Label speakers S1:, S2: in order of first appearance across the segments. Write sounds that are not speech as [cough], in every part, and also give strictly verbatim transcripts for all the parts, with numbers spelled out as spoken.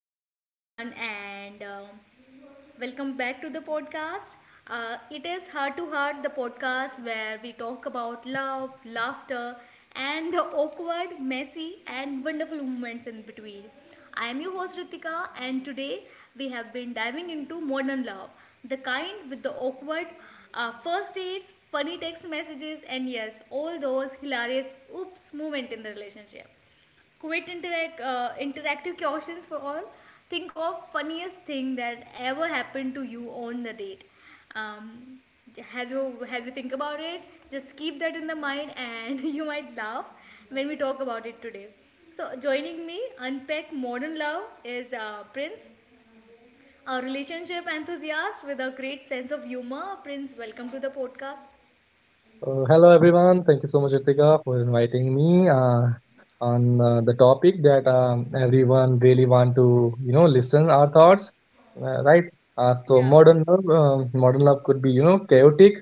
S1: Hello, everyone, and um, welcome back to the podcast. Uh, it is Heart to Heart, the podcast where we talk about love, laughter, and the awkward, messy, and wonderful moments in between. I am your host Ritika, and today we have been diving into modern love, the kind with the awkward uh, first dates, funny text messages, and yes, all those hilarious oops moment in the relationship. Quit interact, uh, interactive questions for all. Think of funniest thing that ever happened to you on the date. Um, have you have you think about it? Just keep that in the mind, and [laughs] you might laugh when we talk about it today. So joining me, unpack modern love is uh, Prince, a relationship enthusiast with a great sense of humor. Prince, welcome to the podcast.
S2: Uh, hello everyone. Thank you so much, Ritika, for inviting me uh, on uh, the topic that um, everyone really want to, you know, listen our thoughts, uh, right? Uh, so
S1: Yeah,
S2: modern love, um modern love could be, you know, chaotic,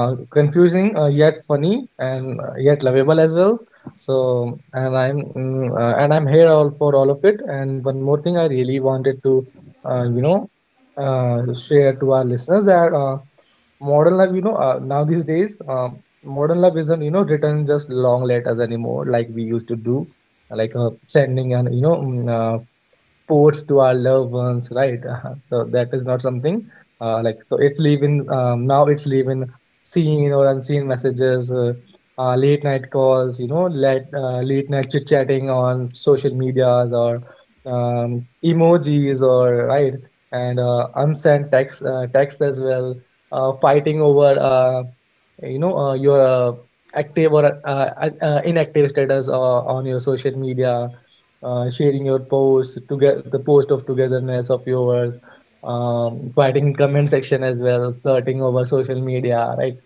S2: uh, confusing, uh, yet funny, and uh, yet lovable as well. So, and I'm mm, uh, and I'm here all for all of it. And one more thing, I really wanted to, uh, you know, uh, share to our listeners that. Uh, Modern love, you know, uh, now these days, um, modern love isn't, you know, written just long letters anymore, like we used to do, like uh, sending and, you know, mm, uh, sports to our loved ones, right? [laughs] So that is not something uh, like so. It's leaving um, now. It's leaving seen or unseen messages, uh, uh, late night calls. You know, late uh, late night chit chatting on social medias, or um, emojis, or right, and uh, unsent text uh, text as well. Uh, fighting over, uh, you know uh, your uh, active or uh, uh, uh, inactive status uh, on your social media, uh, sharing your post to get the post of togetherness of yours, um, fighting in comment section as well, flirting over social media, right?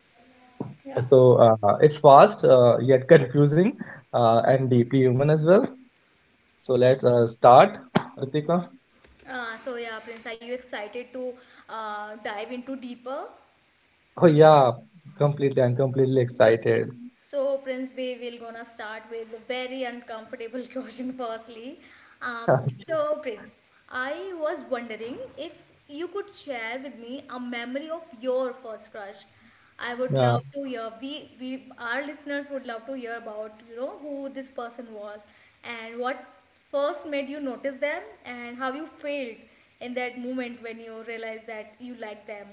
S1: yeah.
S2: So, uh, it's fast, uh, yet confusing, uh, and deeply human as well. So let's uh, start, Ritika.
S1: Uh, so yeah, Prince, are you excited to uh, dive into deeper?
S2: Oh yeah, completely, I'm completely excited.
S1: So, Prince, we will gonna start with a very uncomfortable [laughs] question firstly. Um,
S2: [laughs]
S1: so, Prince, I was wondering if you could share with me a memory of your first crush. I would
S2: Yeah.
S1: love to hear. We, we, our listeners would love to hear about you know who this person was, and what first made you notice them, and how you felt in that moment when you realized that you liked them.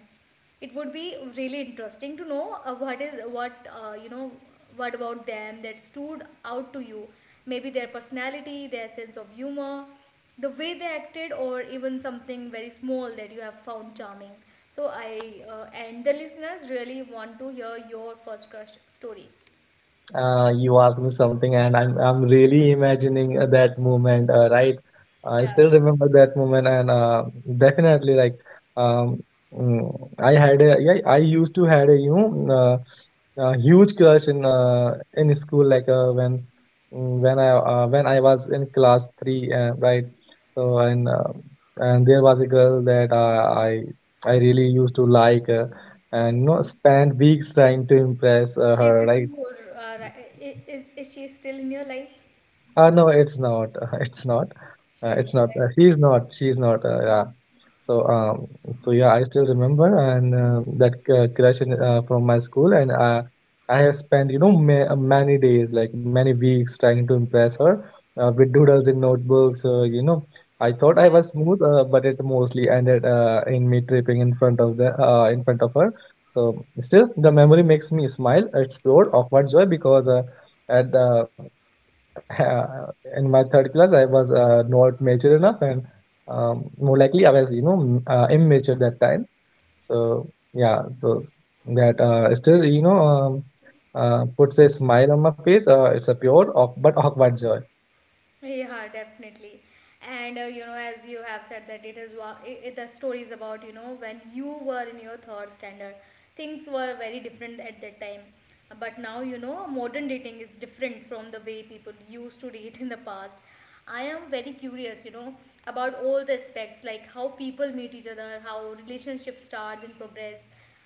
S1: It would be really interesting to know uh, what is what uh, you know what about them that stood out to you, maybe their personality, their sense of humor, the way they acted, or even something very small that you have found charming. So I uh, And the listeners really want to hear your first crush story.
S2: Uh, you asked me something, and I'm I'm really imagining uh, that moment, uh, right? I still remember that moment, and uh, definitely, like, um, mm, I had a yeah, I used to had a, you know mm, uh, a huge crush in uh, in school, like uh, when mm, when I uh, when I was in class three, uh, right? So and uh, and there was a girl that uh, I I really used to like, uh, and you know spend weeks trying to impress
S1: Yeah, is
S2: uh,
S1: she
S2: her,
S1: with
S2: right?
S1: you or uh, ri- i- is, is she still in your life?
S2: Uh, no, it's not. [laughs] It's not.
S1: She
S2: Uh,
S1: is not,
S2: it's not.
S1: right?
S2: Uh, he's not. She's not. Uh, yeah. So um. So yeah, I still remember, and uh, that uh, crush in, uh, from my school, and uh, I have spent, you know ma- many days, like many weeks, trying to impress her uh, with doodles in notebooks. Uh, you know, I thought I was smooth, uh, but it mostly ended uh, in me tripping in front of the uh, in front of her. So still, the memory makes me smile. It's pure awkward joy because uh, at the [laughs] in my third class I was uh, not mature enough, and um, more likely I was, you know m- uh, immature that time. So yeah so That uh, still, you know um, uh, puts a smile on my face. Uh, it's a pure awk- but awkward joy.
S1: Yeah, definitely. And uh, you know, as you have said that it is wa- I I the stories about you know when you were in your third standard, things were very different at that time. But now you know modern dating is different from the way people used to date in the past. I am very curious, you know, about all the aspects like how people meet each other, how relationship starts and progress,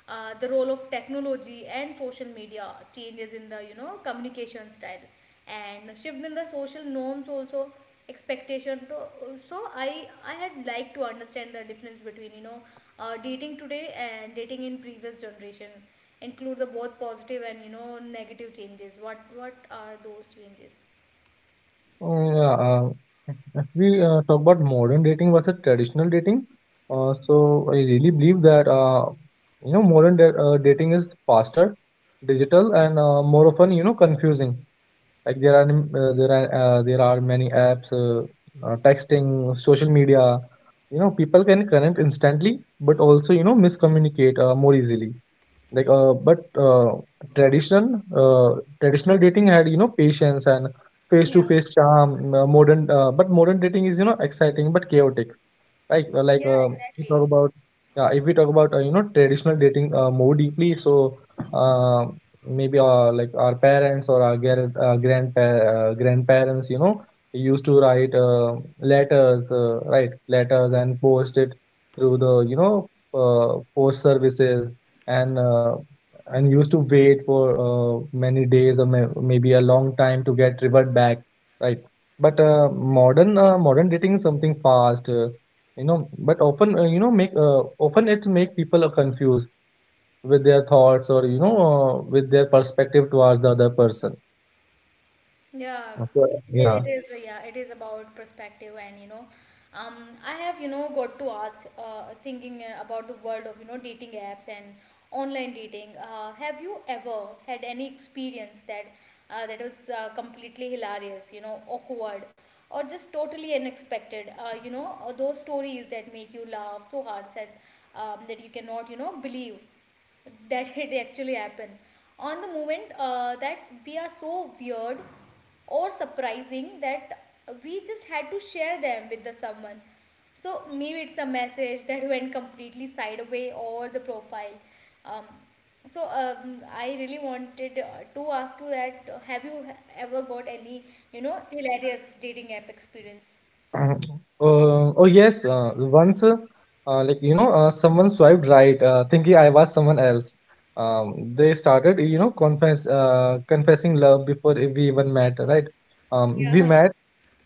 S1: uh, the role of technology and social media changes in the you know communication style, and shift in the social norms also expectation. To, so I I had like to understand the difference between you know uh, dating today and dating in previous generation, include the both positive and you know negative changes. What what are those changes?
S2: Mm, yeah, um, [laughs] if we uh, talk about modern dating versus traditional dating. Uh, so i really believe that, uh, you know modern da- uh, dating is faster, digital, and uh, more often, you know, confusing. Like there are uh, there are uh, there are many apps, uh, uh, texting, social media. You know, people can connect instantly, but also, you know miscommunicate uh, more easily. Like uh, but uh, traditional uh, traditional dating had, you know patience and face
S1: Yeah.
S2: to face charm. uh, Modern uh, but modern dating is, you know exciting but chaotic, like uh, like
S1: Yeah,
S2: uh, we talk
S1: exactly.
S2: about yeah, if we talk about, uh, you know traditional dating uh, more deeply. So, uh, maybe uh, like our parents or our gar- uh, grandpa- uh, grandparents, you know, used to write uh, letters, uh, right, letters, and post it through the, you know uh, post services, and uh, and used to wait for uh, many days, or may- maybe a long time to get revert back, right? But uh, modern uh, modern dating is something fast, uh, you know but often, uh, you know make uh, often it make people uh, confused with their thoughts, or, you know uh, with their perspective towards the other person.
S1: Yeah,
S2: So,
S1: it
S2: yeah.
S1: it is. Yeah, it is about perspective, and you know, um, I have you know got to ask, uh, thinking uh, about the world of you know dating apps and online dating. Uh, have you ever had any experience that uh, that was uh, completely hilarious, you know, awkward, or just totally unexpected? Uh, you know, uh, those stories that make you laugh so hard that um, that you cannot you know believe that [laughs] it actually happened on the moment uh, that we are so weird or surprising that we just had to share them with the someone. So maybe it's a message that [laughs] went completely sideways or the profile. Um, so um, i really wanted uh, to ask you that uh, have you ever got any you know hilarious dating app experience?
S2: [clears throat] uh, oh yes. Uh, once, uh, uh, like you know uh, someone swiped right, uh, thinking i was someone else. Um, they started, you know, confess uh, confessing love before we even met, right? Um, we
S1: Yeah.
S2: met,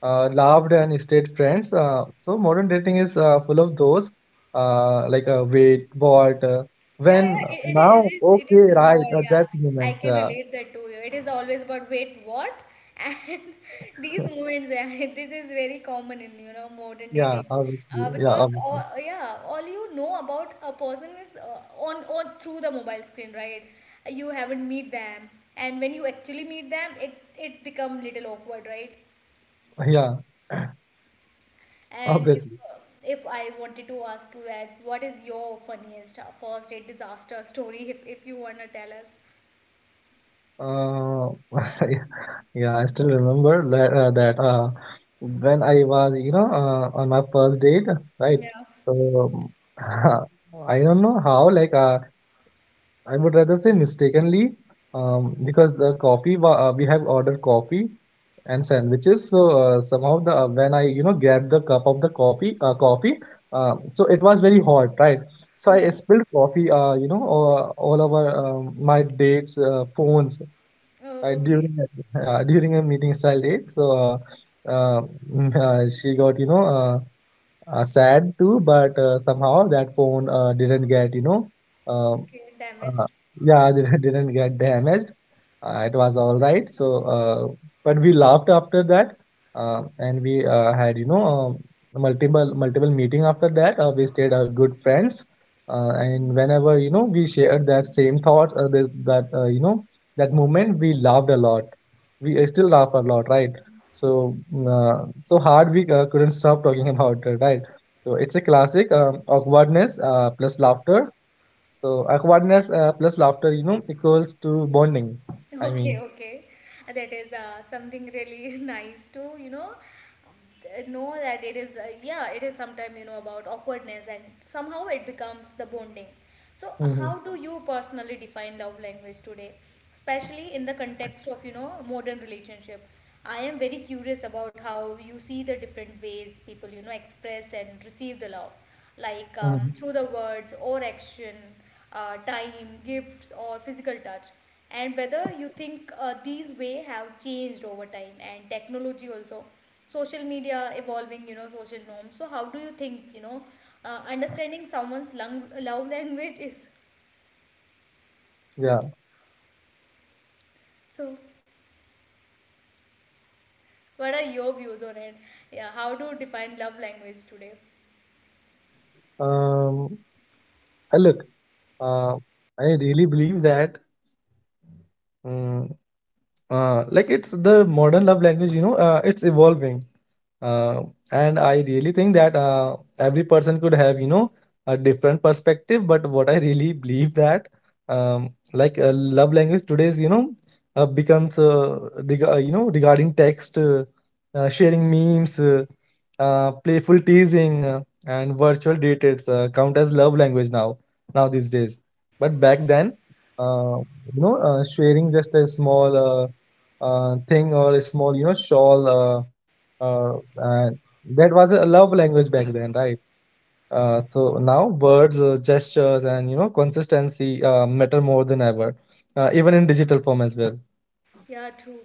S2: uh, loved, and stayed friends. Uh, so modern dating is uh, full of those uh, like uh, wait, what, uh,
S1: Yeah,
S2: when,
S1: yeah, it, it is,
S2: now,
S1: it is,
S2: okay,
S1: it is
S2: right,
S1: more,
S2: at
S1: yeah.
S2: that
S1: I
S2: moment.
S1: can
S2: Uh,
S1: relate that to you. It is always about wait, what? And [laughs] these moments, yeah, [laughs] this is very common in, you know, modern
S2: yeah,
S1: dating.
S2: obviously.
S1: Uh,
S2: Yeah,
S1: because,
S2: obviously.
S1: all, yeah, all you know about a person is uh, on, on through the mobile screen, right? You haven't meet them. And when you actually meet them, it, it become little awkward, right?
S2: Yeah,
S1: And if
S2: obviously.
S1: uh, if I wanted to ask you that, what is your funniest uh, first date disaster story? If if you wanna tell us.
S2: Uh, [laughs] yeah, I still remember that, uh, that uh, when I was, you know, uh, on my first date, right?
S1: Yeah,
S2: So [laughs] I don't know how, like, uh, I would rather say, mistakenly, um, because the coffee wa- uh, we have ordered coffee and sandwiches. So, uh, somehow the uh, when I, you know, grabbed the cup of the coffee, uh, coffee, uh, so it was very hot, right? So I
S1: yeah.
S2: spilled coffee, uh, you know, all, all over um, my dates, uh, phones, uh,
S1: Oh, okay.
S2: during a- uh, during a meeting style date. So uh, uh, mm, uh, she got, you know uh, uh, sad too, but uh, somehow that phone uh, didn't get, you know. Uh,
S1: Okay,
S2: uh,
S1: damaged. [laughs]
S2: yeah, [laughs] I didn't, didn't get damaged. Uh, it was all right. So, uh, but we laughed after that, uh, and we uh, had, you know um multiple multiple meeting after that. Uh, we stayed uh, good friends, uh, and whenever, you know, we shared that same thoughts, uh, this, that, uh, you know that moment, we laughed a lot. We uh, still laugh a lot, right? So, mm, uh, so hard we uh, couldn't stop talking [laughs] about it, right? So it's a classic um awkwardness uh, plus laughter, so awkwardness uh, plus laughter, you know, equals to bonding. I
S1: Okay,
S2: mean,
S1: okay. That is uh, something really [laughs] nice to, you know, um, th- know that it is, uh, yeah, it is. Sometimes you know, about awkwardness and somehow it becomes the bonding. So, how
S2: hmm
S1: do you personally define love language today, especially in the context of, you know, modern relationship? I am very curious about how you see the different ways people, you know, express and receive the love, like um,
S2: hmm
S1: through the words or action, uh, time, gifts, or physical touch, and whether you think uh, these way have changed over time and technology also, social media evolving, you know, social norms. So how do you think, you know, uh, understanding someone's lung- love language is
S2: yeah.
S1: so? What are your views on it? Yeah, how to define love language today?
S2: Um, I look, uh, I really believe that. mm, uh, like, it's the modern love language, you know uh, it's evolving, uh, and i really think that uh, every person could have, you know a different perspective, but what i really believe that, um, like uh, love language today's, you know uh, becomes, uh, reg- uh, you know regarding text, uh, uh, sharing memes, uh, uh, playful teasing, uh, and virtual dates, uh, count as love language now now these days. But back then, uh, you know uh, sharing just a small, uh, uh, thing, or a small, you know shawl, uh, uh, and that was a love language back then, right? Uh, so now, words, uh, gestures, and, you know consistency, uh, matter more than ever, uh, even in digital form as well.
S1: Yeah, true.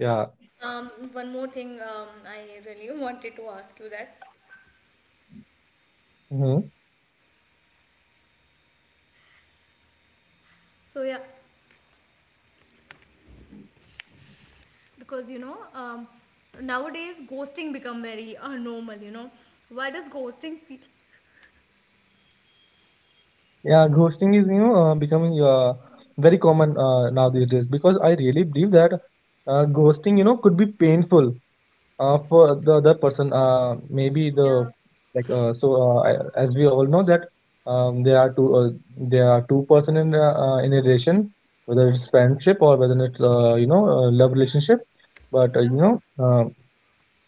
S2: Yeah.
S1: Um, one more thing, um, I really [laughs] wanted to ask you that.
S2: hmm
S1: So yeah, because you know um, nowadays ghosting become very uh, normal, you know, why does ghosting feel,
S2: yeah, ghosting is, you know uh, becoming uh, very common uh, now these days, because i really believe that uh, ghosting, you know could be painful uh, for the other person. Uh, maybe the,
S1: yeah,
S2: like uh, so uh, I- as we all know that, um, there are two uh, there are two person in uh, uh, in a relation, whether it's friendship or whether it's, uh, you know uh, love relationship. But, uh, you
S1: yeah,
S2: know uh,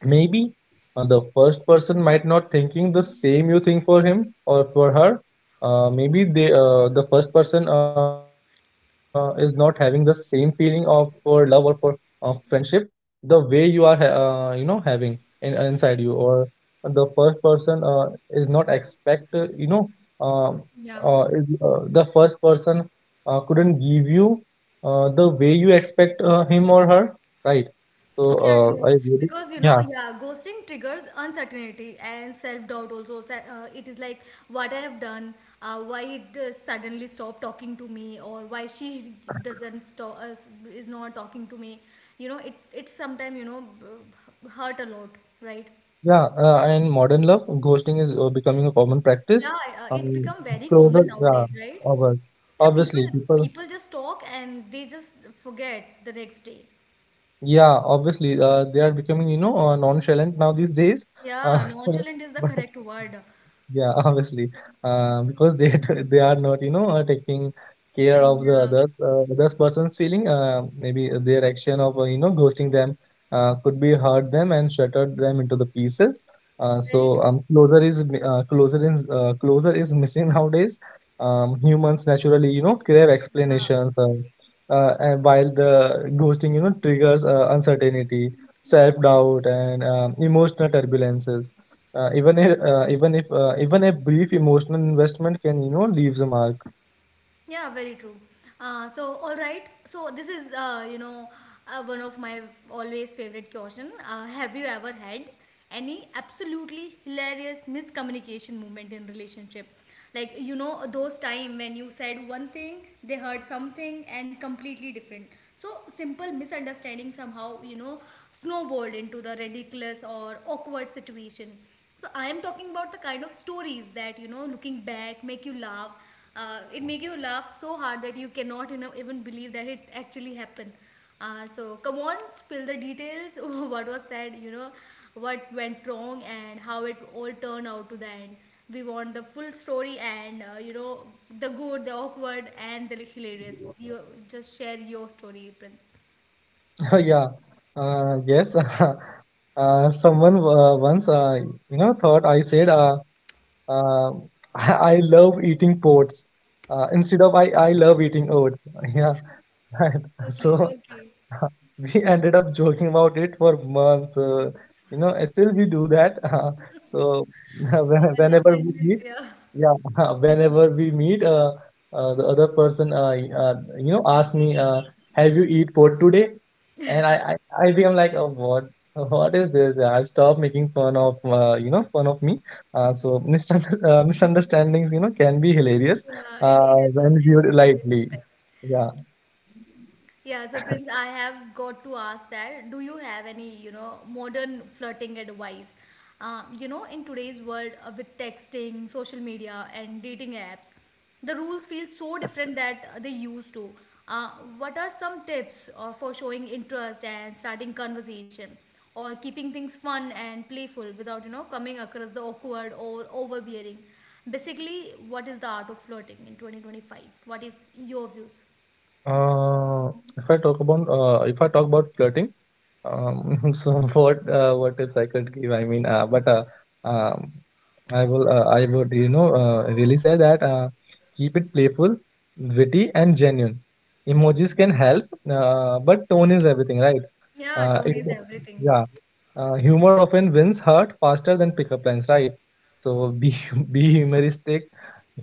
S2: maybe uh, the first person might not thinking the same you think for him or for her. Uh, maybe they uh, the first person uh, is not having the same feeling of for love, or for uh, friendship, the way you are ha- uh, you know having in, inside you, or the first person uh, is not expect, uh, you know um
S1: yeah,
S2: uh, is, uh, the first person uh, couldn't give you uh, the way you expect uh, him or her, right? So,
S1: yeah,
S2: uh,
S1: true?
S2: I really.
S1: Because you know
S2: Yeah.
S1: yeah ghosting triggers uncertainty and self-doubt also. Se- uh, it is like what I have done, uh, why it uh, suddenly stopped talking to me or why she doesn't stop uh, is not talking to me. You know, it it's sometimes you know b- hurt a lot, right?
S2: Yeah, uh, and modern love, ghosting is uh, becoming a common practice.
S1: Yeah, uh, it
S2: Um,
S1: become very
S2: Closer,
S1: common
S2: yeah,
S1: nowadays, right?
S2: obvious.
S1: Yeah, people
S2: Obviously, people,
S1: people just talk and they just forget the next day.
S2: yeah, obviously, uh, they are becoming, you know, uh, nonchalant now these days.
S1: Yeah,
S2: Uh, [laughs] so,
S1: nonchalant is the
S2: but
S1: correct word.
S2: yeah, [laughs] obviously, uh, because they [laughs] they are not, you know, uh, taking care
S1: Mm,
S2: of the
S1: yeah,
S2: other uh, other person's feeling. Uh, maybe their action of, uh, you know ghosting them, uh, could be hurt them and shattered them into the pieces. Uh,
S1: very
S2: so
S1: true.
S2: um, closer is mi- uh, closer is uh, Closer is missing [laughs] nowadays. Um, humans naturally, you know, crave
S1: Yeah.
S2: explanations. Uh, uh, and while the ghosting, you know, triggers uh, uncertainty, self doubt, and um, emotional turbulences. Uh, even a, uh, even if uh, even a brief emotional investment can, you know, leaves a mark.
S1: Yeah, very true. Uh, so, all right. So, this is, uh, you know, uh, one of my always favorite question. Uh, have you ever had any absolutely hilarious miscommunication moment in relationship? Like, you know, those time when you said one thing, they heard something and completely different. So, simple misunderstanding somehow, you know, snowballed into the ridiculous or awkward situation. So, I am talking about the kind of stories that, you know, looking back make you laugh, uh, it make you laugh so hard that you cannot you know even believe that it actually happened. Uh, so come on, spill the details. [laughs] What was said, you know, what went wrong, and how it all turned out to the end? We want the full story, and uh, you know, the good, the awkward, and the hilarious. You just share your story, Prince.
S2: [laughs] Yeah. Uh, yes. [laughs] Uh, someone uh, once, uh, you know thought I said, uh, uh, [laughs] I I love eating oats, uh, instead of I I love eating oats. [laughs] Yeah. [laughs]
S1: Okay,
S2: So
S1: okay.
S2: [laughs] we ended up joking about it for months. Uh, you know, and still we do that. [laughs] so [laughs] when-
S1: Yeah, love
S2: Whenever we
S1: language.
S2: meet,
S1: Yeah,
S2: yeah, [laughs] whenever we meet, uh, uh, the other person, uh, y- uh, you know, asks me, uh, "Have you eat pork today?" And I, I, I become like, oh, what, [laughs] what is this? Uh, I stop making fun of, uh, you know, fun of me. Uh, so misunder- [laughs] uh, Misunderstandings, you know, can be hilarious
S1: yeah. It it
S2: uh,
S1: is.
S2: when
S1: It,
S2: viewed
S1: it
S2: lightly.
S1: is.
S2: Yeah.
S1: Yeah, so Prince, I have got to ask that. Do you have any, you know, modern flirting advice? Uh, you know, in today's world uh, with texting, social media, and dating apps, the rules feel so different that uh, they used to. Uh, what are some tips uh, for showing interest and starting conversation, or keeping things fun and playful without, you know, coming across the awkward or overbearing? Basically, what is the art of flirting in twenty twenty-five? What is your views?
S2: Uh, if I talk about uh, if I talk about flirting, um, [laughs] so what uh, what tips I could give? I mean, uh, but uh, um, I will uh, I would, you know, uh, really say that, uh, keep it playful, witty, and genuine. Emojis can help, uh, but tone is everything, right?
S1: Yeah,
S2: Uh,
S1: tone
S2: it-
S1: is everything.
S2: yeah, uh, humor often wins heart faster than pickup lines, right? So be [laughs] be humoristic,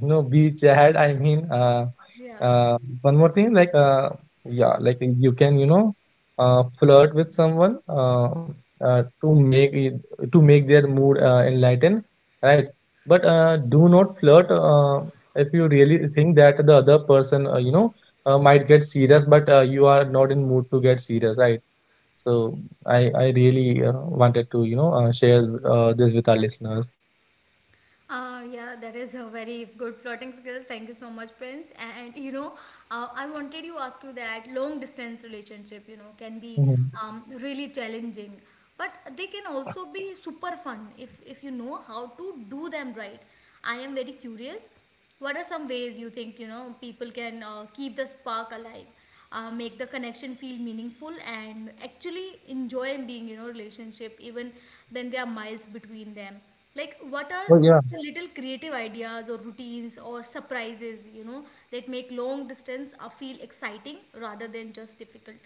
S2: you know, be chat. I mean, uh,
S1: Yeah.
S2: uh, one more thing, like uh, yeah, like you can, you know, uh, flirt with someone, uh, uh, to make it, to make their mood uh, enlightened, right? But uh, do not flirt, uh, if you really think that the other person uh, you know, uh, might get serious, but uh, you are not in mood to get serious, right? So I I really uh, wanted to, you know, uh, share uh, this with our listeners.
S1: Uh, yeah, that is a very good flirting skills. Thank you so much, Prince. And you know, uh, I wanted you ask you that long distance relationship, you know, can be
S2: Mhm.
S1: um, really challenging, but they can also be super fun if if you know how to do them right. I am very curious. What are some ways you think you know people can uh, keep the spark alive, uh, make the connection feel meaningful, and actually enjoy being you know relationship even when there are miles between them? Like what are
S2: So yeah.
S1: the little creative ideas or routines or surprises you know that make long distance uh, feel exciting rather than just difficult?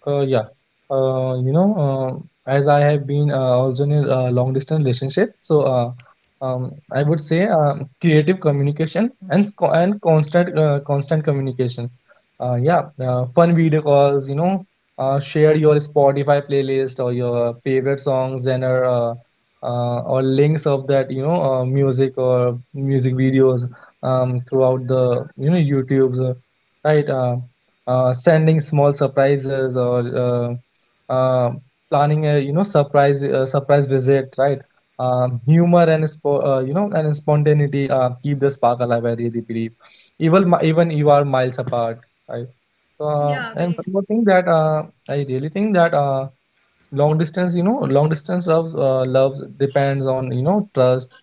S2: Uh, yeah. Uh, you know, uh, as I have been uh, also in a uh, long distance relationship, so uh, um, I would say um, creative communication and co- and constant uh, constant communication. Uh, yeah, uh, fun video calls. You know, uh, share your Spotify playlist or your favorite songs, and or uh, uh, or links of, that you know, uh, music or music videos um, throughout, the you know, YouTube's, uh, right. Uh, uh, sending small surprises, or uh, uh, planning, a you know, surprise uh, surprise visit, right. Um, humor and spo- uh, you know, and spontaneity uh, keep the spark alive, I really believe, even mi- even you are miles apart, right. So um,
S1: Yeah,
S2: and
S1: very
S2: one
S1: true.
S2: more thing that, uh, I really think that, uh, long distance, you know, long distance loves uh, loves depends on, you know, trust,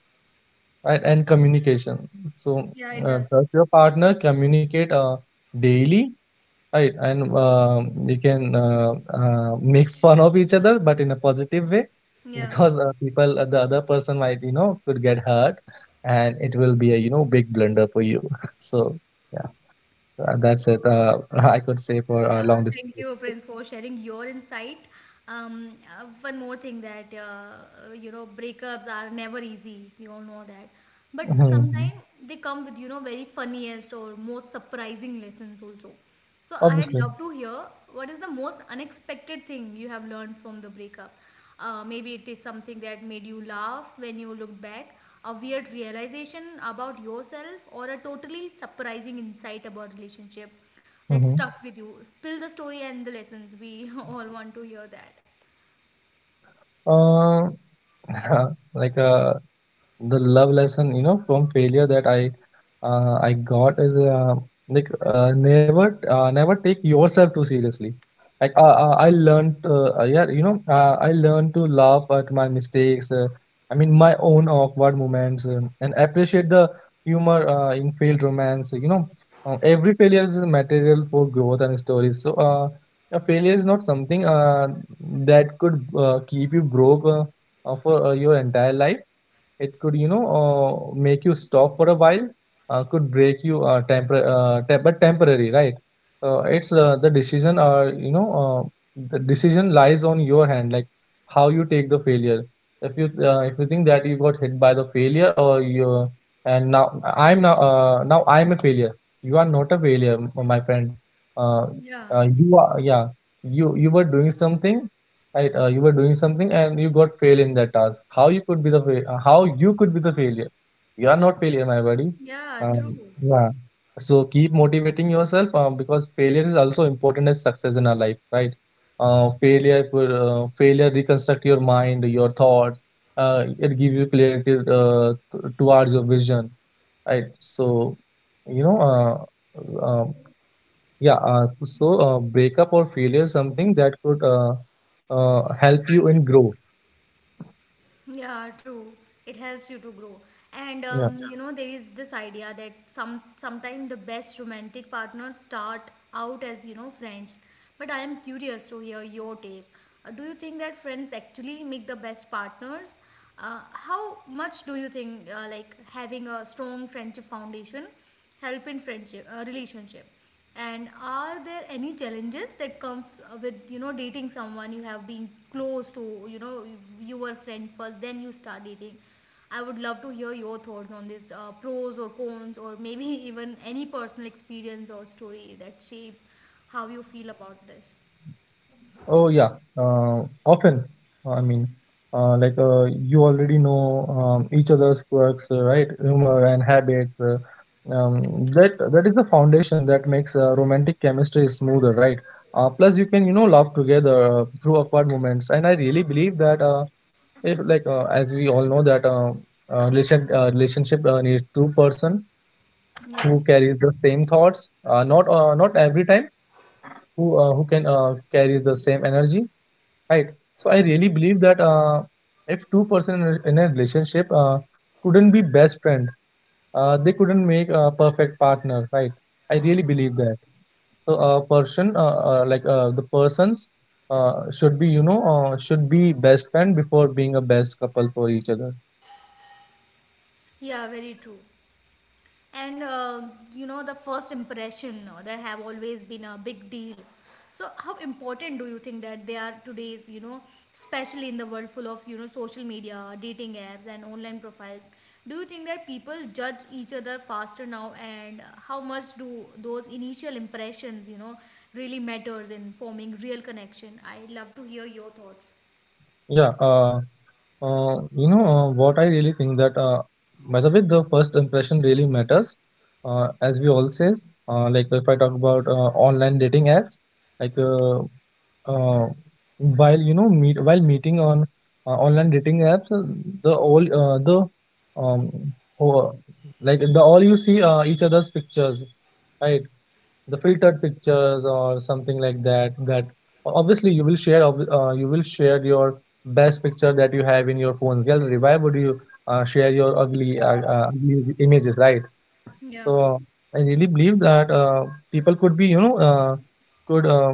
S2: right, and communication. So
S1: Yeah, it
S2: uh,
S1: does.
S2: trust your partner, communicate uh, daily. Right, and um, you can uh, uh, make fun of each other, but in a positive way, [laughs]
S1: Yeah.
S2: because uh, people, uh, the other person might, you know, could get hurt, and it will be a, you know, big blunder for you. [laughs] So, yeah, uh, that's it. Uh, [laughs] I could say for uh,
S1: Yeah,
S2: long distance.
S1: thank you, Prince, for sharing your insight. Um, uh, one more thing that uh, uh, you know, breakups are never easy. We all know that,
S2: Mhm,
S1: but
S2: mhm.
S1: sometimes they come with you know very funniest or most surprising lessons also. So I'd
S2: Obviously.
S1: love to hear what is the most unexpected thing you have learned from the breakup. Uh, maybe it is something that made you laugh when you looked back, a weird realization about yourself, or a totally surprising insight about relationship that
S2: Hmm.
S1: stuck with you. Spill the story and the lessons. We [laughs] all want to hear that.
S2: Uh, [laughs] like uh, The love lesson, you know, from failure that I uh, I got is, uh, like uh, never uh, never take yourself too seriously. Like, uh, uh, I learned, uh, uh, yeah, you know, uh, I learned to laugh at my mistakes. Uh, I mean, my own awkward moments, um, and appreciate the humor uh, in failed romance. You know, uh, every failure is a material for growth and stories. So, uh, a failure is not something uh, that could uh, keep you broke uh, uh, for uh, your entire life. It could, you know, uh, make you stop for a while, uh, could break you, uh, tempor- uh, te- but temporary, right? Uh, it's uh, the decision, Or you know, uh, the decision lies on your hand, like how you take the failure. If you uh, if you think that you got hit by the failure, or you, and now I'm now uh, now I'm a failure. You are not a failure, m- my friend. Uh,
S1: Yeah,
S2: uh, you are, yeah. You you were doing something. Right, uh, you were doing something and you got fail in that task. How you could be the fail? Uh, how you could be the failure? You are not failure, my buddy.
S1: yeah,
S2: Um,
S1: true.
S2: yeah. So keep motivating yourself, um, because failure is also important as success in our life, right? Uh, failure, could, uh, failure reconstruct your mind, your thoughts. Uh, it give you clarity uh, t- towards your vision, right? So, you know, uh, uh, yeah, uh, so uh, breakup or failure is something that could uh, uh, help you in grow.
S1: Yeah, true. It helps you to grow. And
S2: Yeah.
S1: um, yeah, you know, there is this idea that some sometimes the best romantic partners start out as, you know, friends. But I am curious to hear your take. Uh, do you think that friends actually make the best partners? Uh, how much do you think uh, like having a strong friendship foundation help in friendship uh, relationship? And are there any challenges that comes uh, with you know dating someone you have been close to? you know you, you were friend first, then you start dating. I would love to hear your thoughts on this, uh, pros or cons, or maybe [laughs] even any personal experience or story that shape how you feel about this.
S2: Oh, yeah. Uh, often, uh, I mean, uh, like, uh, you already know um, each other's quirks, uh, right? Humor and
S1: Yeah.
S2: habits. Uh, um, that that is the foundation that makes uh, romantic chemistry smoother, right? Uh, plus, you can, you know, laugh together uh, through awkward moments, and I really believe that, uh, if like uh, as we all know that, uh, uh, relation uh, relationship uh, needs two person
S1: Yeah,
S2: who carries the same thoughts, uh, not uh, not every time, who uh, who can uh, carries the same energy, right. So I really believe that, uh, if two person in a in a relationship uh, couldn't be best friend, uh, they couldn't make a perfect partner, right. I really believe that. So a person, uh, uh, like uh, the persons uh, should be, you know, uh, should be best friend before being a best couple for each other.
S1: yeah, very true. And um you know the first impression uh, that have always been a big deal. So how important do you think that they are today's, you know especially in the world full of, you know social media, dating apps, and online profiles? Do you think that people judge each other faster now? And uh, how much do those initial impressions, you know really matters in forming real connection? I'd love to hear your thoughts.
S2: Yeah, uh, Uh, you know, uh, what I really think that, uh, by the way the first impression really matters, uh, as we all says. Uh, like if I talk about uh, online dating apps, like, uh, uh, while you know meet while meeting on uh, online dating apps, uh, the all uh, the um ho- like the all you see uh, each other's pictures, right. The filtered pictures or something like that, that obviously you will share, ob- uh, you will share your best picture that you have in your phone's gallery. Why would you uh, share your ugly, uh, uh, ugly images, right?
S1: Yeah.
S2: So I really believe that uh, people could be, you know, uh, could uh,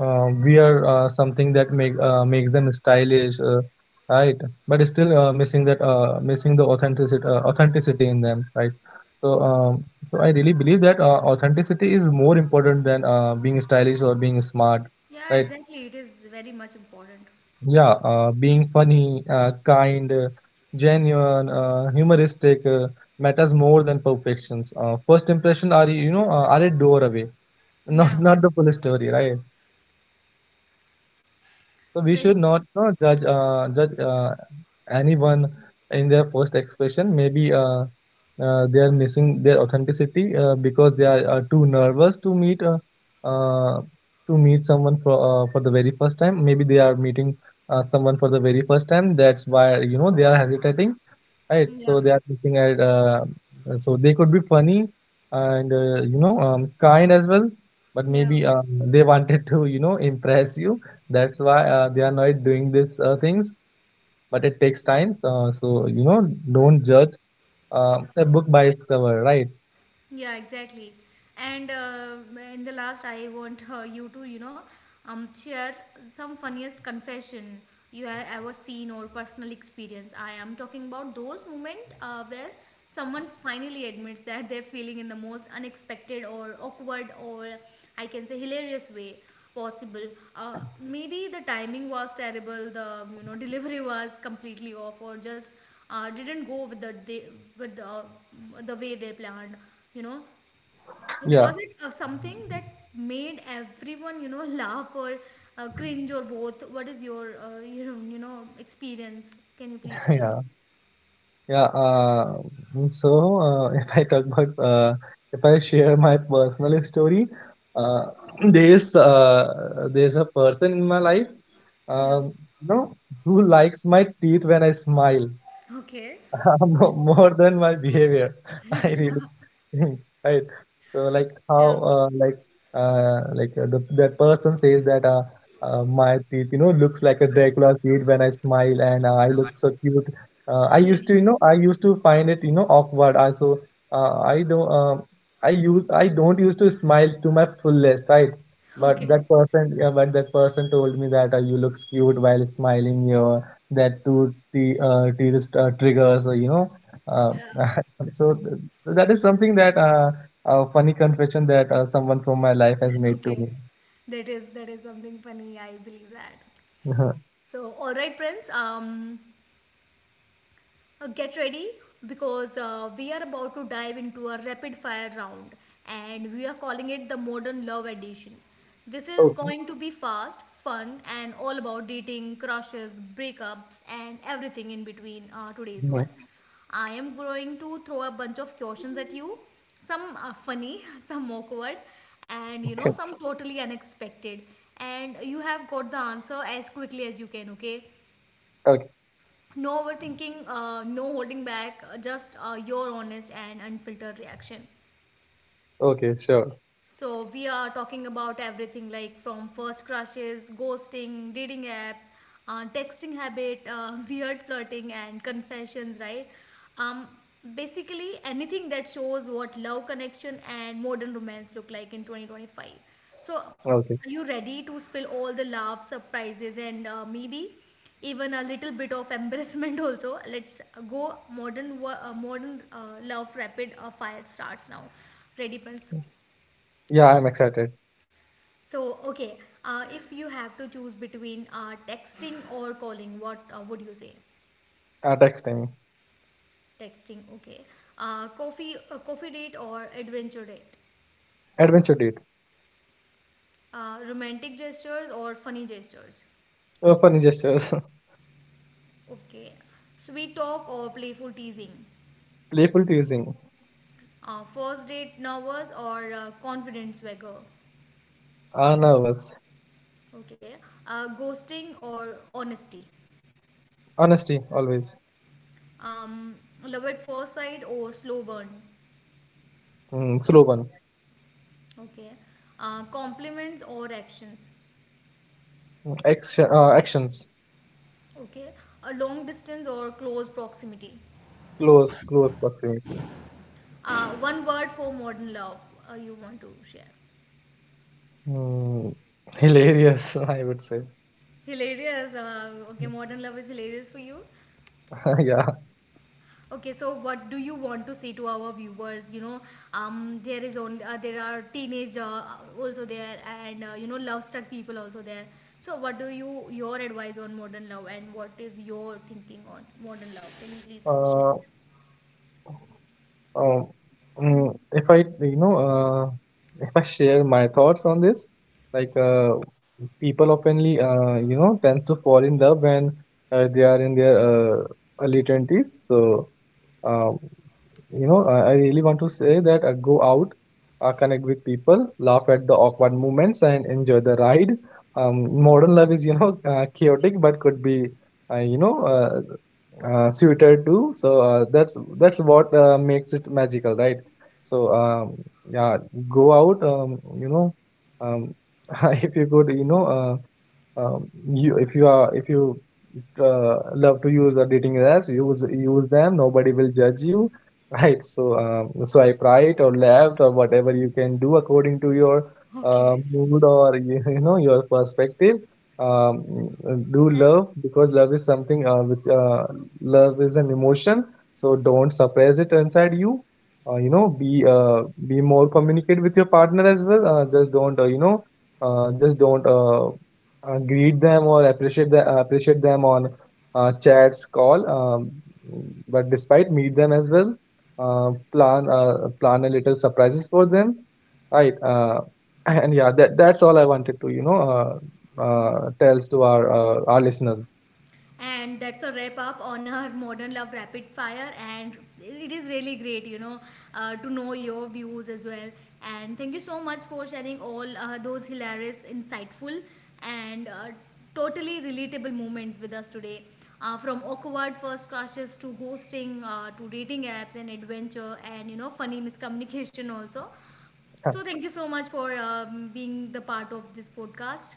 S2: uh, wear uh, something that make, uh, makes them stylish, uh, right? But it's still uh, missing that, uh, missing the authenticity, uh, authenticity in them, right? So um, so I really believe that uh, authenticity is more important than uh, being stylish or being smart,
S1: Yeah,
S2: right?
S1: exactly, it is very much important.
S2: Yeah, uh, being funny, uh, kind, uh, genuine, uh, humoristic uh, matters more than perfections. Uh, first impression are, you know, uh, are a doorway, [laughs]
S1: Yeah,
S2: not not the full story, right? So we
S1: very
S2: should
S1: true.
S2: not, you know, judge, uh, judge uh, anyone in their first expression. Maybe uh, uh, they are missing their authenticity uh, because they are uh, too nervous to meet, uh, uh, to meet someone for, uh, for the very first time. Maybe they are meeting uh, someone for the very first time. That's why, you know, they are hesitating. Right,
S1: Yeah.
S2: so they are looking at, uh, so they could be funny and, uh, you know, um, kind as well, but
S1: Yeah.
S2: maybe uh, they wanted to, you know, impress you. That's why uh, they are not doing these uh, things. But it takes time, so, so you know, don't judge uh, a book by its cover, right?
S1: Yeah, exactly. And uh, in the last, I want uh, you to, you know, um, share some funniest confession you have ever seen or personal experience. I am talking about those moments uh, where someone finally admits that they're feeling in the most unexpected or awkward, or I can say hilarious way possible. Uh, maybe the timing was terrible, the you know delivery was completely off, or just uh, didn't go with the day, with the, the way they planned you know Like,
S2: Yeah,
S1: was it uh, something that made everyone you know [laughs] laugh or uh, cringe or both? What is your uh, you know you know experience? Can you please
S2: [laughs]
S1: share?
S2: yeah, yeah. Uh, so uh, [laughs] if I talk about uh, If I share my personal story, uh, [clears throat] there is uh, there's a person in my life.
S1: Yeah,
S2: Um, you know, who likes my teeth when I smile?
S1: okay.
S2: [laughs] Mo- More than my behavior. [laughs] I really think, right. So, like how,
S1: Yeah,
S2: uh, like uh, like uh, the that person says that, uh, uh, my teeth, you know, looks like a dracula teeth when I smile, and uh, I look so cute. Uh, I
S1: yeah,
S2: used to, you know, I used to find it, you know, awkward, I, so uh, i don't um, i use I don't used to smile to my fullest, right. But
S1: okay.
S2: that person, yeah, but that person told me that, uh, you look cute while smiling here, that to the uh, tourist uh, triggers, or you know, uh, [laughs] so th- That is something that, uh, a funny confession that uh, someone from my life has
S1: [laughs]
S2: made to
S1: Okay,
S2: me.
S1: that is, that is something funny, I believe that.
S2: [laughs]
S1: So, all right, Prince, um Uh, get ready, because uh, we are about to dive into a rapid fire round, and we are calling it the modern love edition. This is
S2: okay.
S1: going to be fast, fun, and all about dating, crushes, breakups, and everything in between uh, today's
S2: Mhm.
S1: world. I am going to throw a bunch of questions at you. Some are funny, [laughs] some awkward, and you
S2: Okay.
S1: know, some totally unexpected. And you have got the answer as quickly as you can, okay?
S2: Okay,
S1: No overthinking, uh, no holding back, uh, just uh, your honest and unfiltered reaction.
S2: okay, sure.
S1: So we are talking about everything, like from first crushes, ghosting, dating apps, uh, texting habit, uh, [laughs] weird flirting, and confessions, right? Um, Basically anything that shows what love, connection, and modern romance look like in twenty twenty-five. So
S2: Okay.
S1: are you ready to spill all the laughs, surprises, and uh, maybe even a little bit of embarrassment [laughs] also? Let's go. modern wo- uh, modern uh, love rapid uh, fire starts now. Ready, Prince?
S2: Yeah, I'm excited.
S1: So, okay, uh, if you have to choose between uh, texting or calling, what uh, would you say?
S2: Uh, texting.
S1: Texting, okay. Uh, coffee, uh, coffee date or adventure date?
S2: Adventure date.
S1: Uh, romantic gestures or funny gestures?
S2: Uh, funny gestures. [laughs]
S1: Okay. Sweet talk or playful teasing?
S2: Playful teasing.
S1: Uh, first date nervous or uh, confident swagger?
S2: Uh, nervous.
S1: Okay. Uh, ghosting or honesty?
S2: Honesty, always.
S1: Um, Love at first sight or slow burn?
S2: Mm, slow one.
S1: Okay. Uh, compliments or actions?
S2: Mm, Action, uh, actions.
S1: Okay, a long distance or close proximity?
S2: Close, close proximity.
S1: Uh, one word for modern love uh, you want to share.
S2: Mm, [laughs] hilarious, I would say.
S1: Hilarious. Uh, okay, modern love is hilarious for you.
S2: [laughs] Yeah.
S1: Okay, so what do you want to say to our viewers? You know, um, there is only, uh, there are teenage uh, also there, and uh, you know, love struck people also there. So, what do you, your advice on modern love, and what is your thinking on modern love? Can you please share?
S2: Uh, um, mm, if I, you know, uh, if I share my thoughts on this, like, uh, people oftenly, uh, you know, tend to fall in love when uh, they are in their uh, early twenties. So, um, you know, I, I really want to say that, uh, go out, uh, connect with people, laugh at the awkward moments, and enjoy the ride. Um, modern love is, you know, [laughs] uh, chaotic, but could be, uh, you know, uh, uh, suited to. So uh, that's that's what uh, makes it magical, right? So um, yeah, go out. Um, you know, um, [laughs] if you could, you know. Uh, um, you if you are if you uh, love to use uh, dating apps, use use them. Nobody will judge you, [laughs] right. So um, swipe right or left, or whatever you can do according to your uh, mood, or you, [laughs] you know, your perspective. Um, uh, do love, because love is something uh, which, uh, love is an emotion, so don't suppress it inside you. Uh, you know, be uh, be more communicate with your partner as well. Uh, just don't, uh, you know, uh, just don't, uh, uh, greet them, or appreciate the, uh, appreciate them on uh, chats call, um, but despite meet them as well. Uh, plan, uh, plan a little surprises for them, right. uh, [clears throat] and yeah, that that's all I wanted to, you know, uh, uh, tells to our, uh, our listeners.
S1: And that's a wrap up on our modern love rapid fire. And it is really great, you know, uh, to know your views as well. And thank you so much for sharing all uh, those hilarious, insightful, and uh, totally relatable moment with us today. Uh, from awkward first crushes to ghosting, uh, to dating apps and adventure, and you know funny miscommunication also. So
S2: [clears throat] [laughs]
S1: thank you so much for um, being the part of this podcast.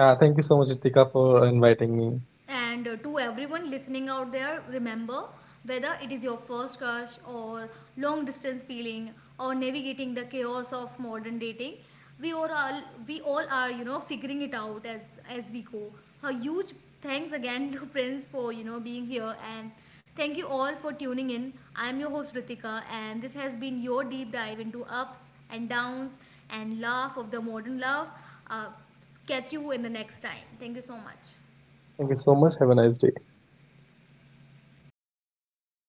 S2: uh, thank you so much Ritika, for inviting me.
S1: And uh, to everyone listening out there, remember, whether it is your first crush or long distance feeling, or navigating the chaos of modern dating, we all are, we all are you know figuring it out as as we go. A huge thanks again to [laughs] Prince for you know being here, and thank you all for tuning in. I'm your host Ritika, and this has been your deep dive into ups and downs and laugh of the modern love. Uh, Catch you in the next time. Thank you so much.
S2: Thank you so much, have a nice day.